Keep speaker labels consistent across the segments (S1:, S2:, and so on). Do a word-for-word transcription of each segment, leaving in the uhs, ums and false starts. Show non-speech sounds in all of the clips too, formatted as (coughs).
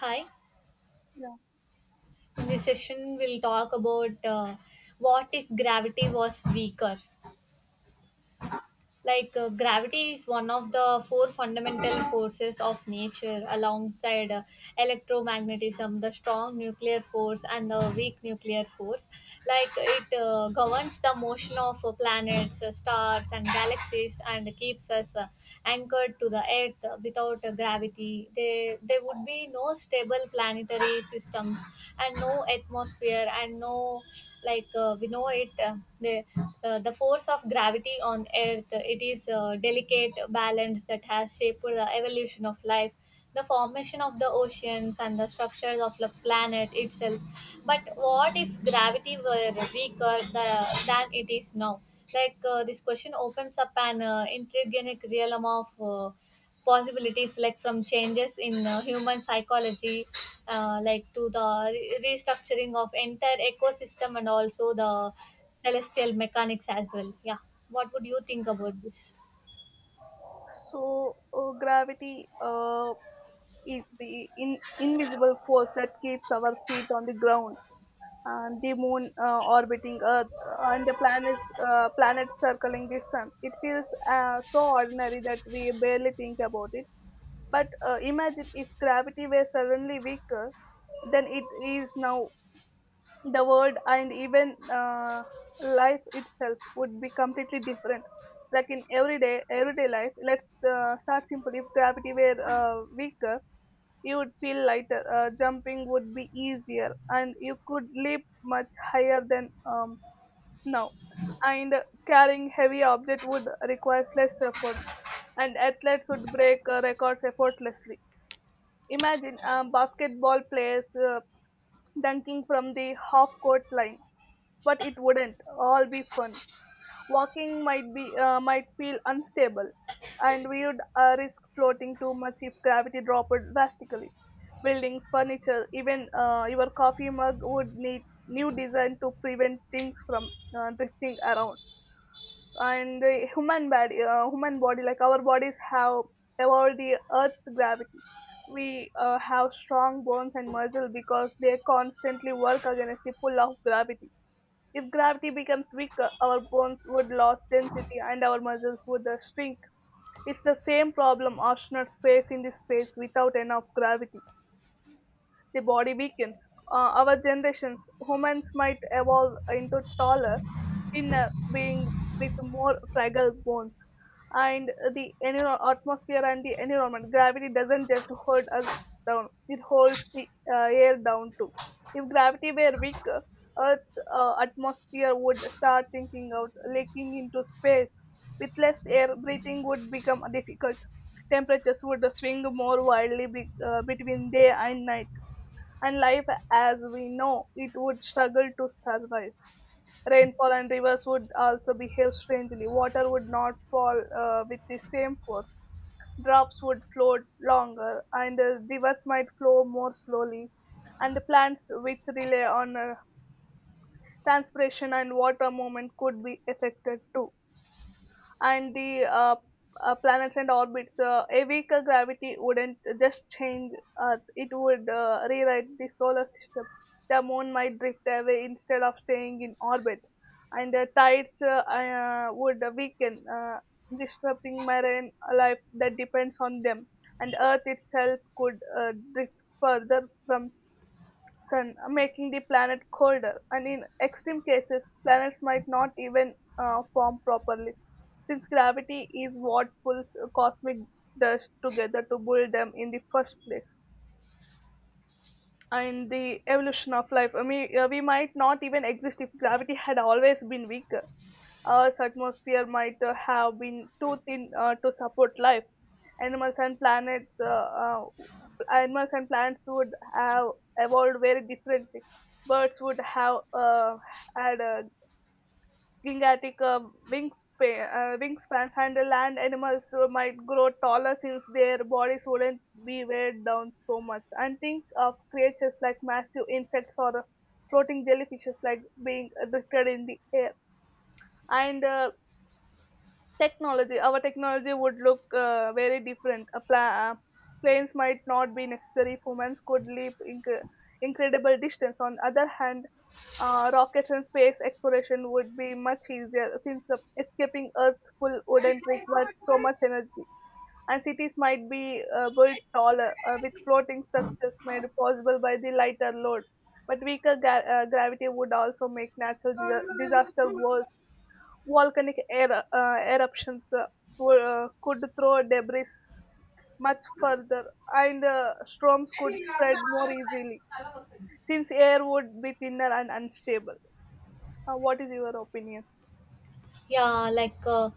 S1: Hi,
S2: Yeah.
S1: in this session, we'll talk about uh, what if gravity was weaker. Like uh, gravity is one of the four fundamental forces of nature, alongside uh, electromagnetism, the strong nuclear force, and the weak nuclear force. Like it uh, governs the motion of uh, planets, uh, stars, and galaxies, and keeps us uh, anchored to the earth. Without uh, gravity, there there would be no stable planetary systems, and no atmosphere, and no like uh, we know it. uh, the uh, the force of gravity on earth, it is a delicate balance that has shaped the evolution of life, the formation of the oceans, and the structures of the planet itself. But what if gravity were weaker the, than it is now? Like uh, this question opens up an uh, intriguing realm of uh, possibilities, like from changes in uh, human psychology, uh, like to the re- restructuring of entire ecosystem and also the celestial mechanics as well. Yeah, what would you think about this?
S2: So uh, gravity uh, is the in, invisible force that keeps our feet on the ground, and the moon uh, orbiting Earth, uh, and the planets uh, planets circling the sun. It feels uh, so ordinary that we barely think about it. But uh, imagine if gravity were suddenly weaker than it is now. The world and even uh, life itself would be completely different. Like in everyday everyday life, let's uh, start simple. If gravity were uh, weaker, you would feel lighter. Uh, jumping would be easier and you could leap much higher than um, now. And carrying heavy object would require less effort, and athletes would break uh, records effortlessly. Imagine um, basketball players uh, dunking from the half court line. But it wouldn't all be fun. Walking might be uh, might feel unstable, and we would uh, risk floating too much if gravity dropped drastically. Buildings, furniture, even uh, your coffee mug would need new design to prevent things from uh, drifting around. And the human body, uh, human body, like our bodies have evolved the Earth's gravity. We uh, have strong bones and muscle because they constantly work against the pull of gravity. If gravity becomes weaker, our bones would lose density and our muscles would uh, shrink. It's the same problem astronauts face in the space. Without enough gravity the body weakens. Uh, our generations, humans might evolve into taller, thinner being with more fragile bones. And the enviro- atmosphere and the environment, gravity doesn't just hold us down, it holds the uh, air down too. If gravity were weaker, Earth's uh, atmosphere would start thinking out, leaking into space. With less air, breathing would become difficult. Temperatures would swing more wildly be, uh, between day and night, and life as we know it would struggle to survive. Rainfall and rivers would also behave strangely. Water would not fall uh, with the same force. Drops would float longer, and uh, rivers might flow more slowly. And the plants, which rely on uh, transpiration and water movement, could be affected too. And the uh, uh, planets and orbits, uh, a weaker gravity wouldn't just change Earth, it would uh, rewrite the solar system. The moon might drift away instead of staying in orbit, and the tides uh, uh, would weaken, uh, disrupting marine life that depends on them. And Earth itself could uh, drift further from sun, uh, making the planet colder. And in extreme cases, planets might not even uh, form properly, since gravity is what pulls uh, cosmic dust together to build them in the first place. And the evolution of life, I mean, uh, we might not even exist if gravity had always been weaker. Earth's atmosphere might uh, have been too thin uh, to support life. Animals and planets, uh, uh, Animals and plants would have evolved very differently. Birds would have uh, had a gigantic uh, wingspan, uh, wingspans, and the land animals uh, might grow taller since their bodies wouldn't be weighed down so much. And think of creatures like massive insects or uh, floating jellyfishes like being lifted in the air. And uh, Technology. Our technology would look uh, very different. A pla- uh, planes might not be necessary. Humans could leap inc- incredible distance. On other hand, uh, rockets and space exploration would be much easier since uh, escaping Earth's full wouldn't require so much energy. And cities might be uh, built taller uh, with floating structures made possible by the lighter load. But weaker ga- uh, gravity would also make natural dis- disaster worse. Volcanic er- uh, eruptions uh, wou- uh, could throw debris much further, and uh, storms could spread more easily since air would be thinner and unstable. Uh, what is your opinion?
S1: Yeah, like uh,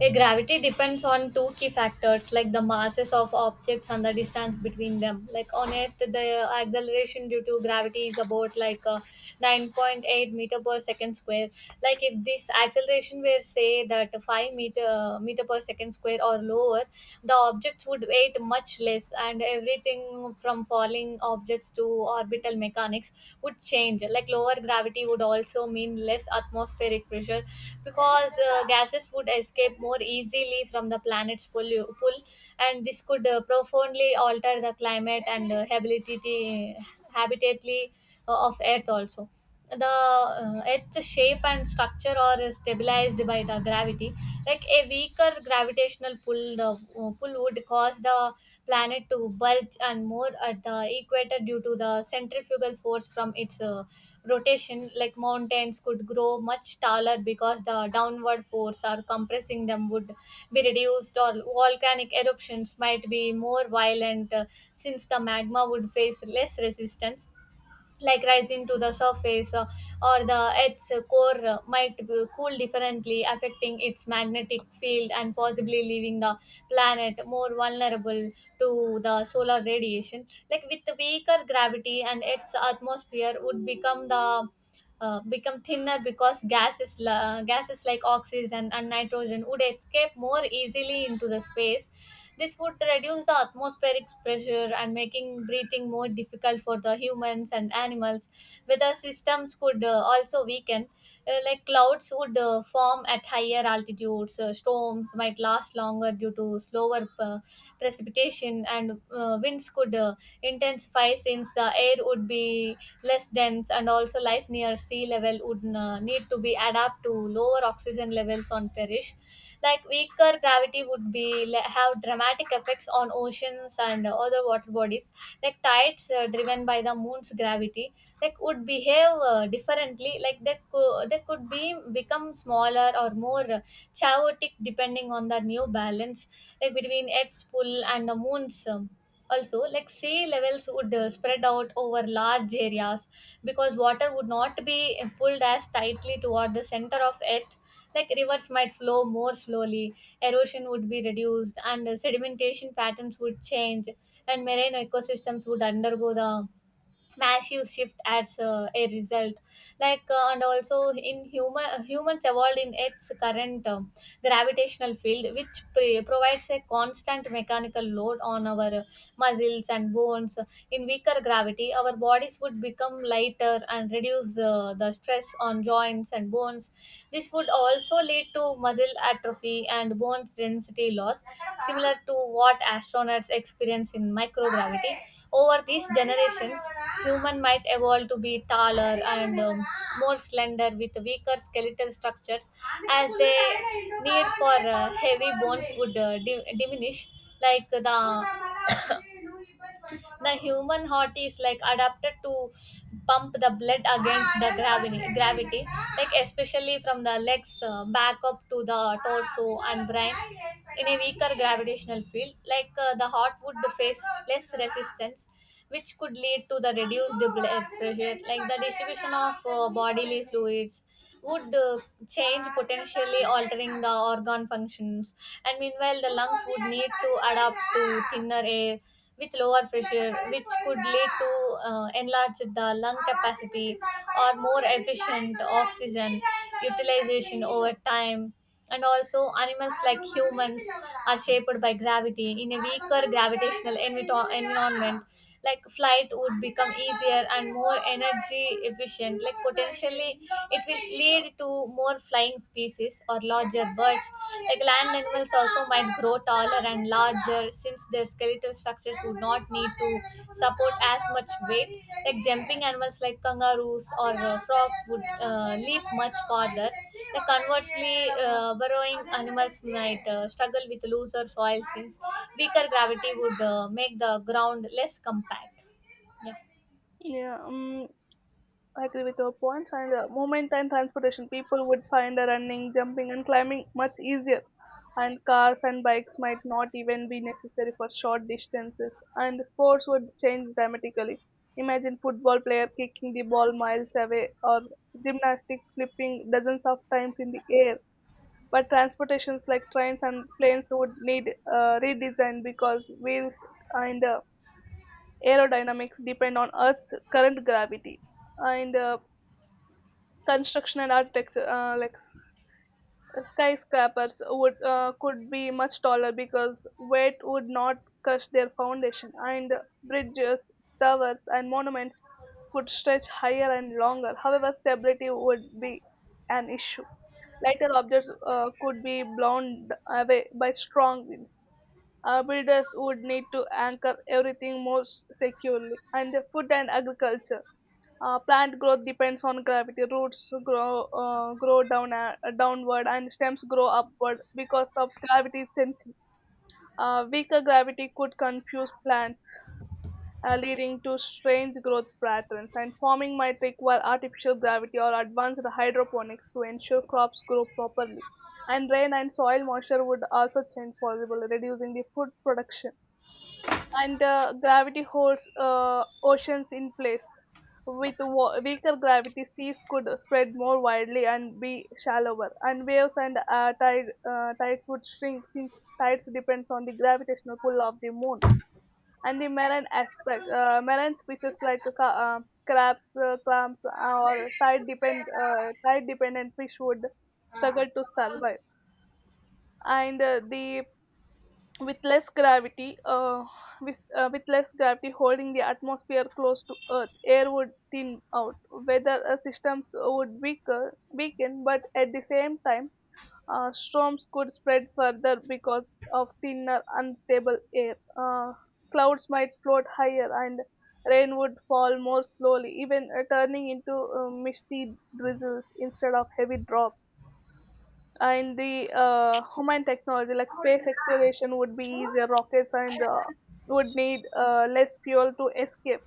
S1: a gravity depends on two key factors, like the masses of objects and the distance between them. Like on Earth, the acceleration due to gravity is about like uh, nine point eight meter per second square. Like if this acceleration were, say, that five meter meter per second square or lower, the objects would weight much less, and everything from falling objects objects to orbital mechanics would change. Like lower gravity would also mean less atmospheric pressure because uh, gases would escape more easily from the planet's pull, pull and this could uh, profoundly alter the climate and uh, habitati- habitatly uh, of earth. Also, the uh, earth's shape and structure are stabilized by the gravity. Like a weaker gravitational pull the uh, pull would cause the planet to bulge and more at the equator, due to the centrifugal force from its uh, rotation. Like mountains could grow much taller because the downward force or compressing them would be reduced, or volcanic eruptions might be more violent, uh, since the magma would face less resistance like rising to the surface. Uh, or the Earth's core uh, might be cool differently, affecting its magnetic field and possibly leaving the planet more vulnerable to the solar radiation. Like with weaker gravity, and Earth's atmosphere would become the uh, become thinner because gases la- gases like oxygen and nitrogen would escape more easily into the space. This would reduce the atmospheric pressure and making breathing more difficult for the humans and animals. Weather systems could uh, also weaken, uh, like clouds would uh, form at higher altitudes. Uh, storms might last longer due to slower uh, precipitation, and uh, winds could uh, intensify since the air would be less dense. And also life near sea level would uh, need to be adapt to lower oxygen levels on perish. Like weaker gravity would be le- have dramatic effects on oceans and other water bodies. Like tides, uh, driven by the moon's gravity, like would behave uh, differently. Like they could they could be become smaller or more uh, chaotic depending on the new balance, like between earth's pull and the moon's. Um, also, like sea levels would uh, spread out over large areas because water would not be pulled as tightly toward the center of earth. Like rivers might flow more slowly, erosion would be reduced, and uh, sedimentation patterns would change, and marine ecosystems would undergo the massive shift as uh, a result. Like uh, and also in human uh, humans evolved in its current um, gravitational field, which pre- provides a constant mechanical load on our uh, muscles and bones. In weaker gravity, our bodies would become lighter and reduce uh, the stress on joints and bones. This would also lead to muscle atrophy and bone density loss, similar to what astronauts experience in microgravity. Over these generations, human might evolve to be taller and um, more slender with weaker skeletal structures, as the need for uh, heavy bones would uh, di- diminish. Like the (coughs) the human heart is like adapted to pump the blood against the gravity gravity like especially from the legs, uh, back up to the torso and brain. In a weaker gravitational field, like uh, the heart would face less resistance, which could lead to the reduced blood pressure. Like the distribution of uh, bodily fluids would uh, change, potentially altering the organ functions. And meanwhile, the lungs would need to adapt to thinner air with lower pressure, which could lead to uh, enlarged the lung capacity or more efficient oxygen utilization over time. And also, animals like humans are shaped by gravity. In a weaker gravitational envi environment, like flight would become easier and more energy efficient, like potentially it will lead to more flying species or larger birds. Like land animals also might grow taller and larger, since their skeletal structures would not need to support as much weight. Like jumping animals like kangaroos or uh, frogs would uh, leap much farther. The conversely, uh, burrowing animals might uh, struggle with looser soil, since weaker gravity would uh, make the ground less compact. Yeah.
S2: Yeah, um, I agree with your points, and uh, movement and transportation. People would find the running, jumping, and climbing much easier, and cars and bikes might not even be necessary for short distances. And sports would change dramatically. Imagine football player kicking the ball miles away, or gymnastics flipping dozens of times in the air. But transportations like trains and planes would need uh, redesign because wheels and uh, aerodynamics depend on Earth's current gravity, and uh, construction and architecture, uh, like skyscrapers, would uh, could be much taller because weight would not crush their foundation. And bridges, towers, and monuments could stretch higher and longer. However, stability would be an issue. Lighter objects uh, could be blown away by strong winds. Uh, builders would need to anchor everything more s- securely. And the food and agriculture, uh, plant growth depends on gravity. Roots grow uh, grow down uh, downward and stems grow upward because of gravity sensing. Uh, weaker gravity could confuse plants, uh, leading to strange growth patterns. And farming might require artificial gravity or advanced hydroponics to ensure crops grow properly. And rain and soil moisture would also change, possibly reducing the food production. And uh, gravity holds uh, oceans in place. With wa- weaker gravity, seas could spread more widely and be shallower, and waves and uh, tide, uh, tides would shrink since tides depends on the gravitational pull of the moon. And the marine aspect, uh, marine species like ca- uh, crabs, uh, clams, or tide depend uh, tide dependent fish would struggle to survive. And uh, the with less gravity uh, with, uh, with less gravity holding the atmosphere close to earth, air would thin out. Weather uh, systems would weaker, weaken, but at the same time uh, storms could spread further because of thinner unstable air. Uh, clouds might float higher and rain would fall more slowly, even uh, turning into uh, misty drizzles instead of heavy drops. Uh, in the uh, human technology, like space exploration would be easier. Rockets and uh, would need uh, less fuel to escape,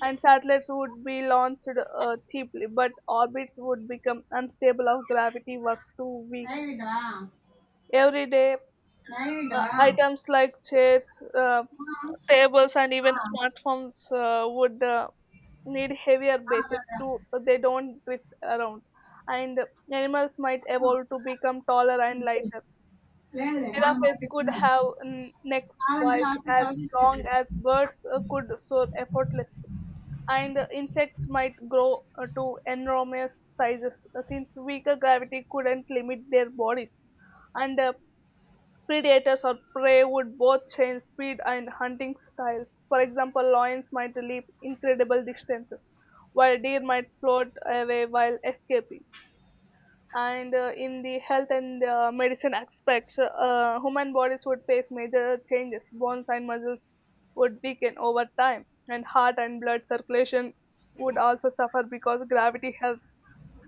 S2: and satellites would be launched uh, cheaply. But orbits would become unstable if gravity was too weak. Every day, uh, items like chairs, uh, tables, and even smartphones uh, would uh, need heavier bases to they don't drift around. And animals might evolve to become taller and lighter. Giraffes could have mm, necks twice as long. As birds uh, could soar effortlessly, and uh, insects might grow uh, to enormous sizes uh, since weaker gravity couldn't limit their bodies. And uh, Predators or prey would both change speed and hunting styles. For example, lions might leap incredible distances, while deer might float away while escaping. And uh, in the health and uh, medicine aspects, uh, human bodies would face major changes. Bones and muscles would weaken over time, and heart and blood circulation would also suffer because gravity helps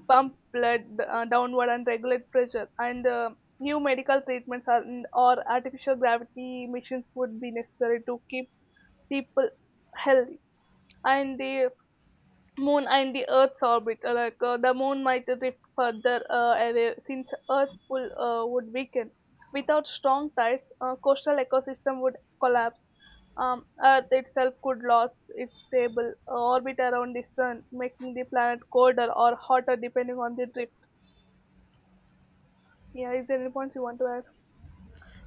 S2: pump blood uh, downward and regulate pressure. And uh, new medical treatments, are, or artificial gravity machines, would be necessary to keep people healthy. And the moon and the earth's orbit, uh, like uh, the moon might drift further uh, away since earth's pull uh, would weaken. Without strong tides, uh, coastal ecosystem would collapse. Um, earth itself could lose its stable uh, orbit around the sun, making the planet colder or hotter depending on the drift. Yeah, is there any points you want to add?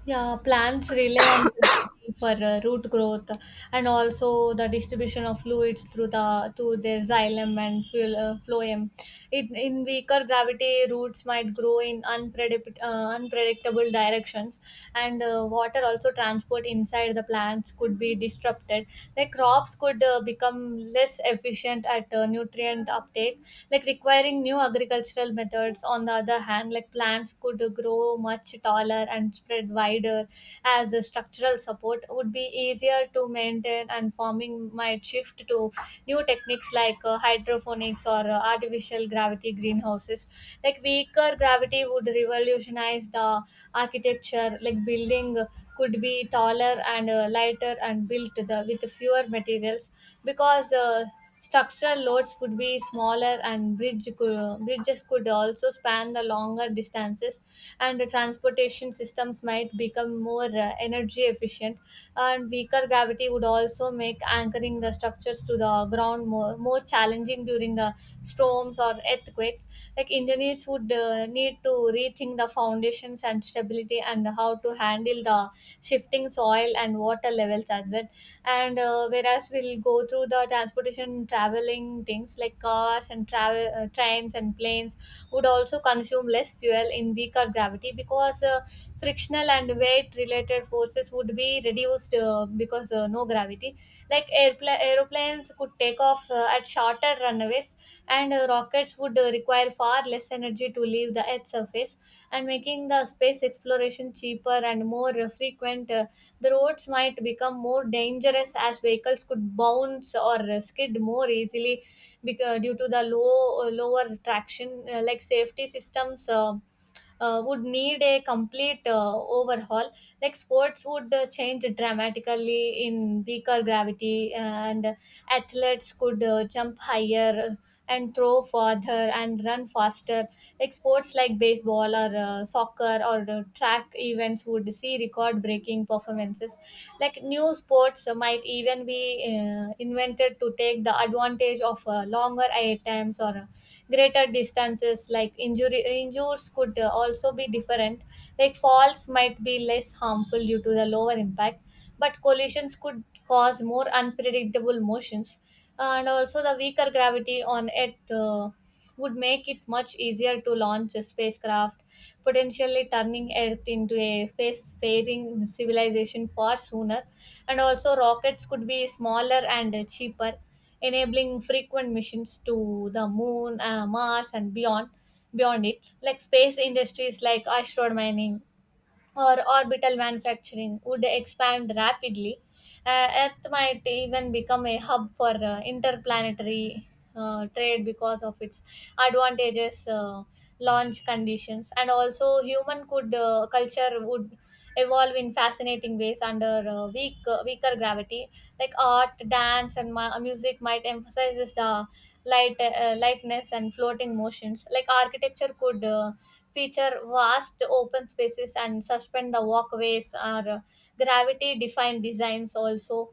S1: Yeah, plants rely on gravity for uh, root growth and also the distribution of fluids through the through their xylem and fuel, uh, phloem. It, in weaker gravity, roots might grow in unpredict, uh, unpredictable directions, and uh, water also transport inside the plants could be disrupted. Like crops could uh, become become less efficient at uh, nutrient uptake, like requiring new agricultural methods. On the other hand, like plants could grow much taller and spread wider, as the structural support would be easier to maintain, and farming might shift to new techniques like uh, hydroponics or uh, artificial gravity greenhouses. Like weak weaker gravity would revolutionize the architecture. Like building could be taller and uh, lighter and built the, with fewer materials because uh, structural loads would be smaller, and bridge could, uh, bridges could also span the longer distances, and the transportation systems might become more uh, energy efficient. And weaker gravity would also make anchoring the structures to the ground more more challenging during the storms or earthquakes. Like engineers would uh, need to rethink the foundations and stability and how to handle the shifting soil and water levels as well. And uh, whereas we'll go through the transportation traveling things, like cars and travel uh, trains and planes would also consume less fuel in weaker gravity because uh, frictional and weight related forces would be reduced, uh, because uh, no gravity. Like airpla- aeroplanes could take off uh, at shorter runways, and uh, rockets would uh, require far less energy to leave the Earth's surface, and making the space exploration cheaper and more uh, frequent. Uh, the roads might become more dangerous as vehicles could bounce or uh, skid more easily because, due to the low uh, lower traction, uh, like safety systems Uh, uh, would need a complete uh, overhaul. Like sports would uh, change dramatically in weaker gravity, and athletes could uh, jump higher and throw farther and run faster. Like sports like baseball or uh, soccer or uh, track events would see record breaking performances. Like new sports robots might even be uh, invented to take the advantage of uh, longer air times or uh, greater distances. Like injury injuries could uh, also be different. Like falls might be less harmful due to the lower impact, but collisions could cause more unpredictable motions. And also the weaker gravity on earth uh, would make it much easier to launch a spacecraft, potentially turning Earth into a spacefaring civilization far sooner. And also, rockets could be smaller and uh, cheaper, enabling frequent missions to the moon, uh, Mars, and beyond. Beyond it, like space industries like asteroid mining or orbital manufacturing would expand rapidly. uh, Earth might even become a hub for uh, interplanetary uh, trade because of its advantages, uh, launch conditions. And also human could uh, culture would evolve in fascinating ways under uh, weak uh, weaker gravity. Like art, dance, and mu- music might emphasize the light uh, lightness and floating motions. Like architecture could Uh, feature vast open spaces and suspend the walkways or uh, gravity defined designs also.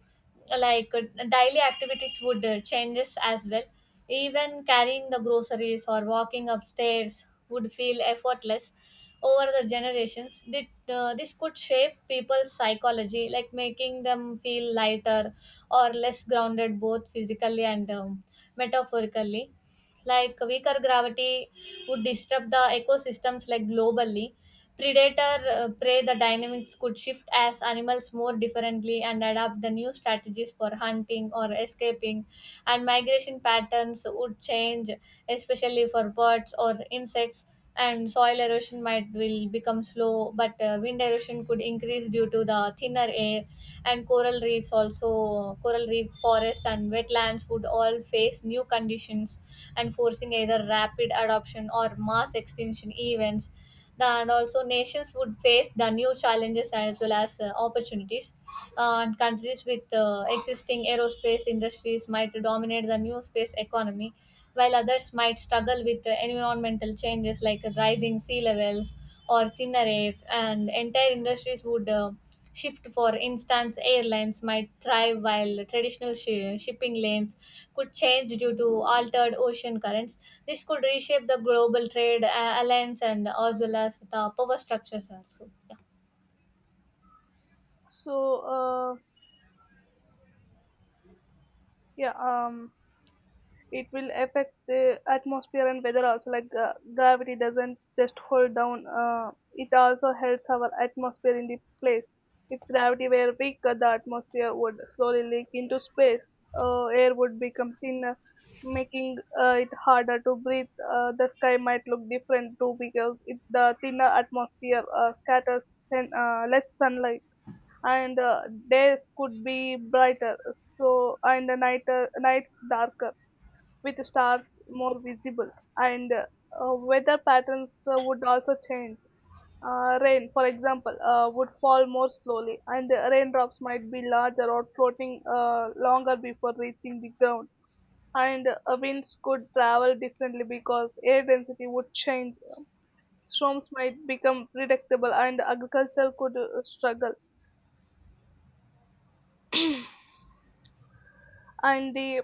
S1: Like uh, daily activities would uh, changes as well. Even carrying the groceries or walking upstairs would feel effortless. Over the generations that uh, this could shape people's psychology, like making them feel lighter or less grounded, both physically and um, metaphorically. Like weaker gravity would disrupt the ecosystems, like globally. Predator uh, prey the dynamics could shift as animals more differently, and adapt the new strategies for hunting or escaping, and migration patterns would change, especially for birds or insects. And soil erosion might will become slow, but uh, wind erosion could increase due to the thinner air. And coral reefs, also coral reef forest and wetlands, would all face new conditions and forcing either rapid adoption or mass extinction events. And also, nations would face the new challenges as well as uh, opportunities. Uh, and countries with uh, existing aerospace industries might dominate the new space economy, while others might struggle with uh, environmental changes like rising sea levels or thinner air, and entire industries would uh, shift. For instance, airlines might thrive while traditional shi shipping lanes could change due to altered ocean currents. This could reshape the global trade uh, alliance and as well as the power structures also. Yeah.
S2: so uh, yeah um it will affect the atmosphere and weather also. like uh, gravity doesn't just hold down, uh, it also helps our atmosphere in the place. If gravity were weaker, the atmosphere would slowly leak into space. Uh, air would become thinner, making uh, it harder to breathe. Uh, the sky might look different too because it, the thinner atmosphere uh, scatters sun- uh, less sunlight, and uh, days could be brighter. So and the night uh, nights darker with stars more visible. And uh, weather patterns uh, would also change. Uh, rain, for example, uh, would fall more slowly, and uh, raindrops might be larger or floating uh, longer before reaching the ground. And uh, winds could travel differently because air density would change. Storms might become predictable and agriculture could uh, struggle. And the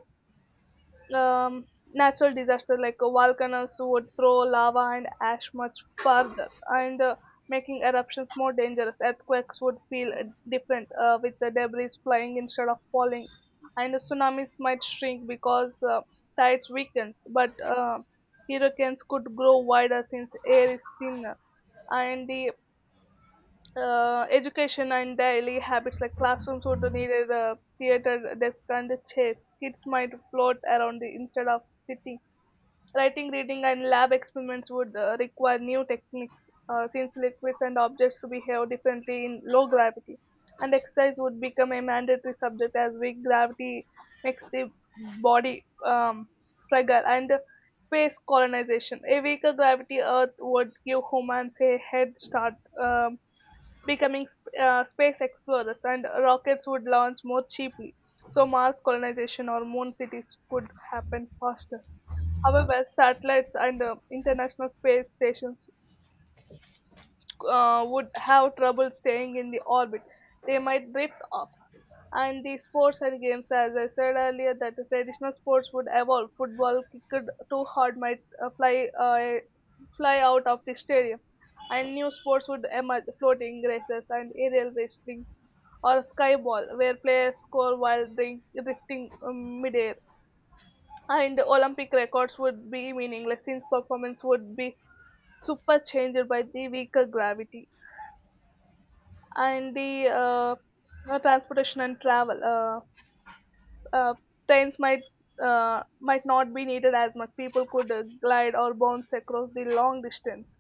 S2: um, natural disasters, like uh, volcanoes would throw lava and ash much farther, and uh, making eruptions more dangerous. Earthquakes would feel uh, different uh, with the debris flying instead of falling, and the tsunamis might shrink because uh, tides weaken. But uh, hurricanes could grow wider since air is thinner. And the uh, education and daily habits, like classrooms would need a theater desk and a chairs. Kids might float around the, instead of sitting. Writing, reading, and lab experiments would uh, require new techniques uh, since liquids and objects behave differently in low gravity. And exercise would become a mandatory subject as weak gravity makes the body um, fragile. And uh, Space colonization. A weaker gravity Earth would give humans a head start, um, becoming sp- uh, space explorers, and rockets would launch more cheaply. So Mars colonization or moon cities could happen faster. However, satellites and the International Space Stations uh, would have trouble staying in the orbit. They might drift off. And the sports and games, as I said earlier, that the traditional sports would evolve. Football kicked too hard might uh, fly uh, fly out of the stadium, and new sports would emerge: floating races and aerial wrestling, or skyball, where players score while drink, drifting um, midair. And Olympic records would be meaningless since performance would be superchanged by the weaker gravity. And the uh, uh, transportation and travel. Uh, uh, Trains might uh, might not be needed as much. People could uh, glide or bounce across the long distance.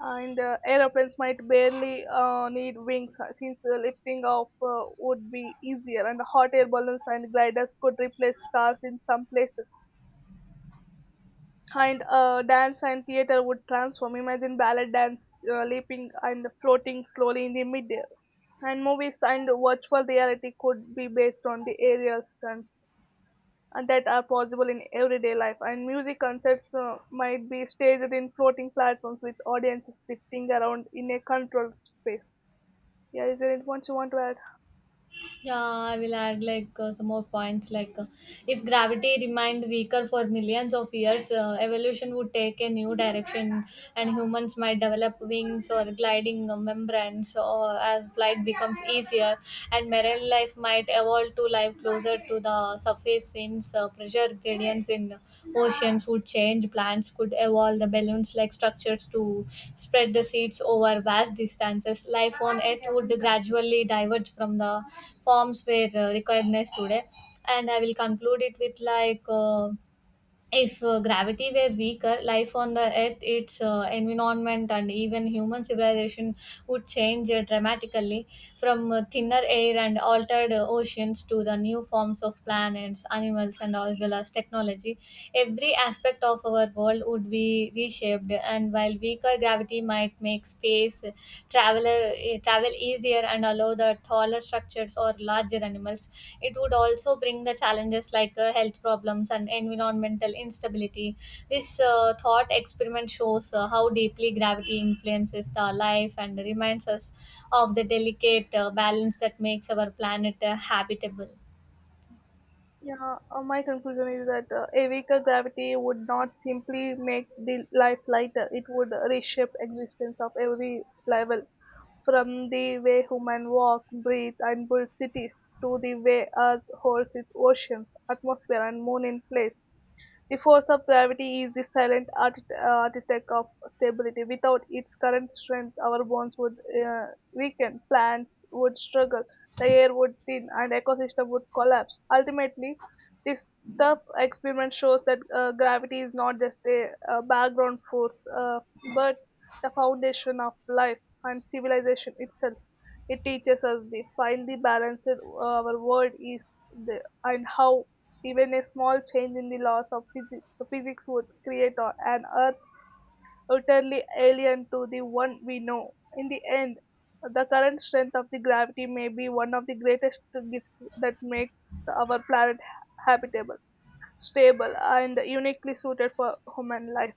S2: And uh, aeroplanes might barely uh, need wings uh, since uh, lifting off uh, would be easier. And hot air balloons and gliders could replace cars in some places. And uh, dance and theater would transform. Imagine ballet dance uh, leaping and floating slowly in the midair. And movies and virtual reality could be based on the aerial stunts and that are possible in everyday life. And music concerts uh, might be staged in floating platforms with audiences drifting around in a controlled space. Yeah, is there anything else you want to add?
S1: Yeah, I will add like uh, some more points. Like, uh, if gravity remained weaker for millions of years, uh, evolution would take a new direction, and humans might develop wings or gliding uh, membranes. Or as flight becomes easier, and marine life might evolve to life closer to the surface, since uh, pressure gradients in oceans would change. Plants could evolve, the balloons like structures to spread the seeds over vast distances. Life on Earth would gradually diverge from the forms we uh, recognize today. And I will conclude it with like. Uh, if uh, gravity were weaker, life on the earth, its uh, environment, and even human civilization would change uh, dramatically. From uh, thinner air and altered uh, oceans to the new forms of planets, animals, and as well as technology, every aspect of our world would be reshaped. And while weaker gravity might make space makes traveler eh, travel easier and allow the taller structures or larger animals, it would also bring the challenges like uh, health problems and environmental instability. This uh, thought experiment shows uh, how deeply gravity influences the life and reminds us of the delicate uh, balance that makes our planet uh, habitable.
S2: Yeah, uh, my conclusion is that uh, a weaker gravity would not simply make the life lighter; it would reshape existence of every level. From the way humans walk, breathe, and build cities, to the way Earth holds its oceans, atmosphere, and moon in place. The force of gravity is the silent art- uh, architect of stability. Without its current strength, our bones would uh, weaken, plants would struggle, the air would thin, and ecosystem would collapse. Ultimately, this tough experiment shows that uh, gravity is not just a uh, background force, uh, but the foundation of life and civilization itself. It teaches us the finely balanced uh, our world is the, and how even a small change in the laws of physi- physics would create a- an Earth utterly alien to the one we know. In the end, the current strength of the gravity may be one of the greatest gifts that makes our planet habitable, stable, and uniquely suited for human life.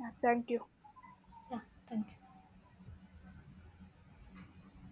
S2: Yeah, thank you.
S1: Yeah, thank you.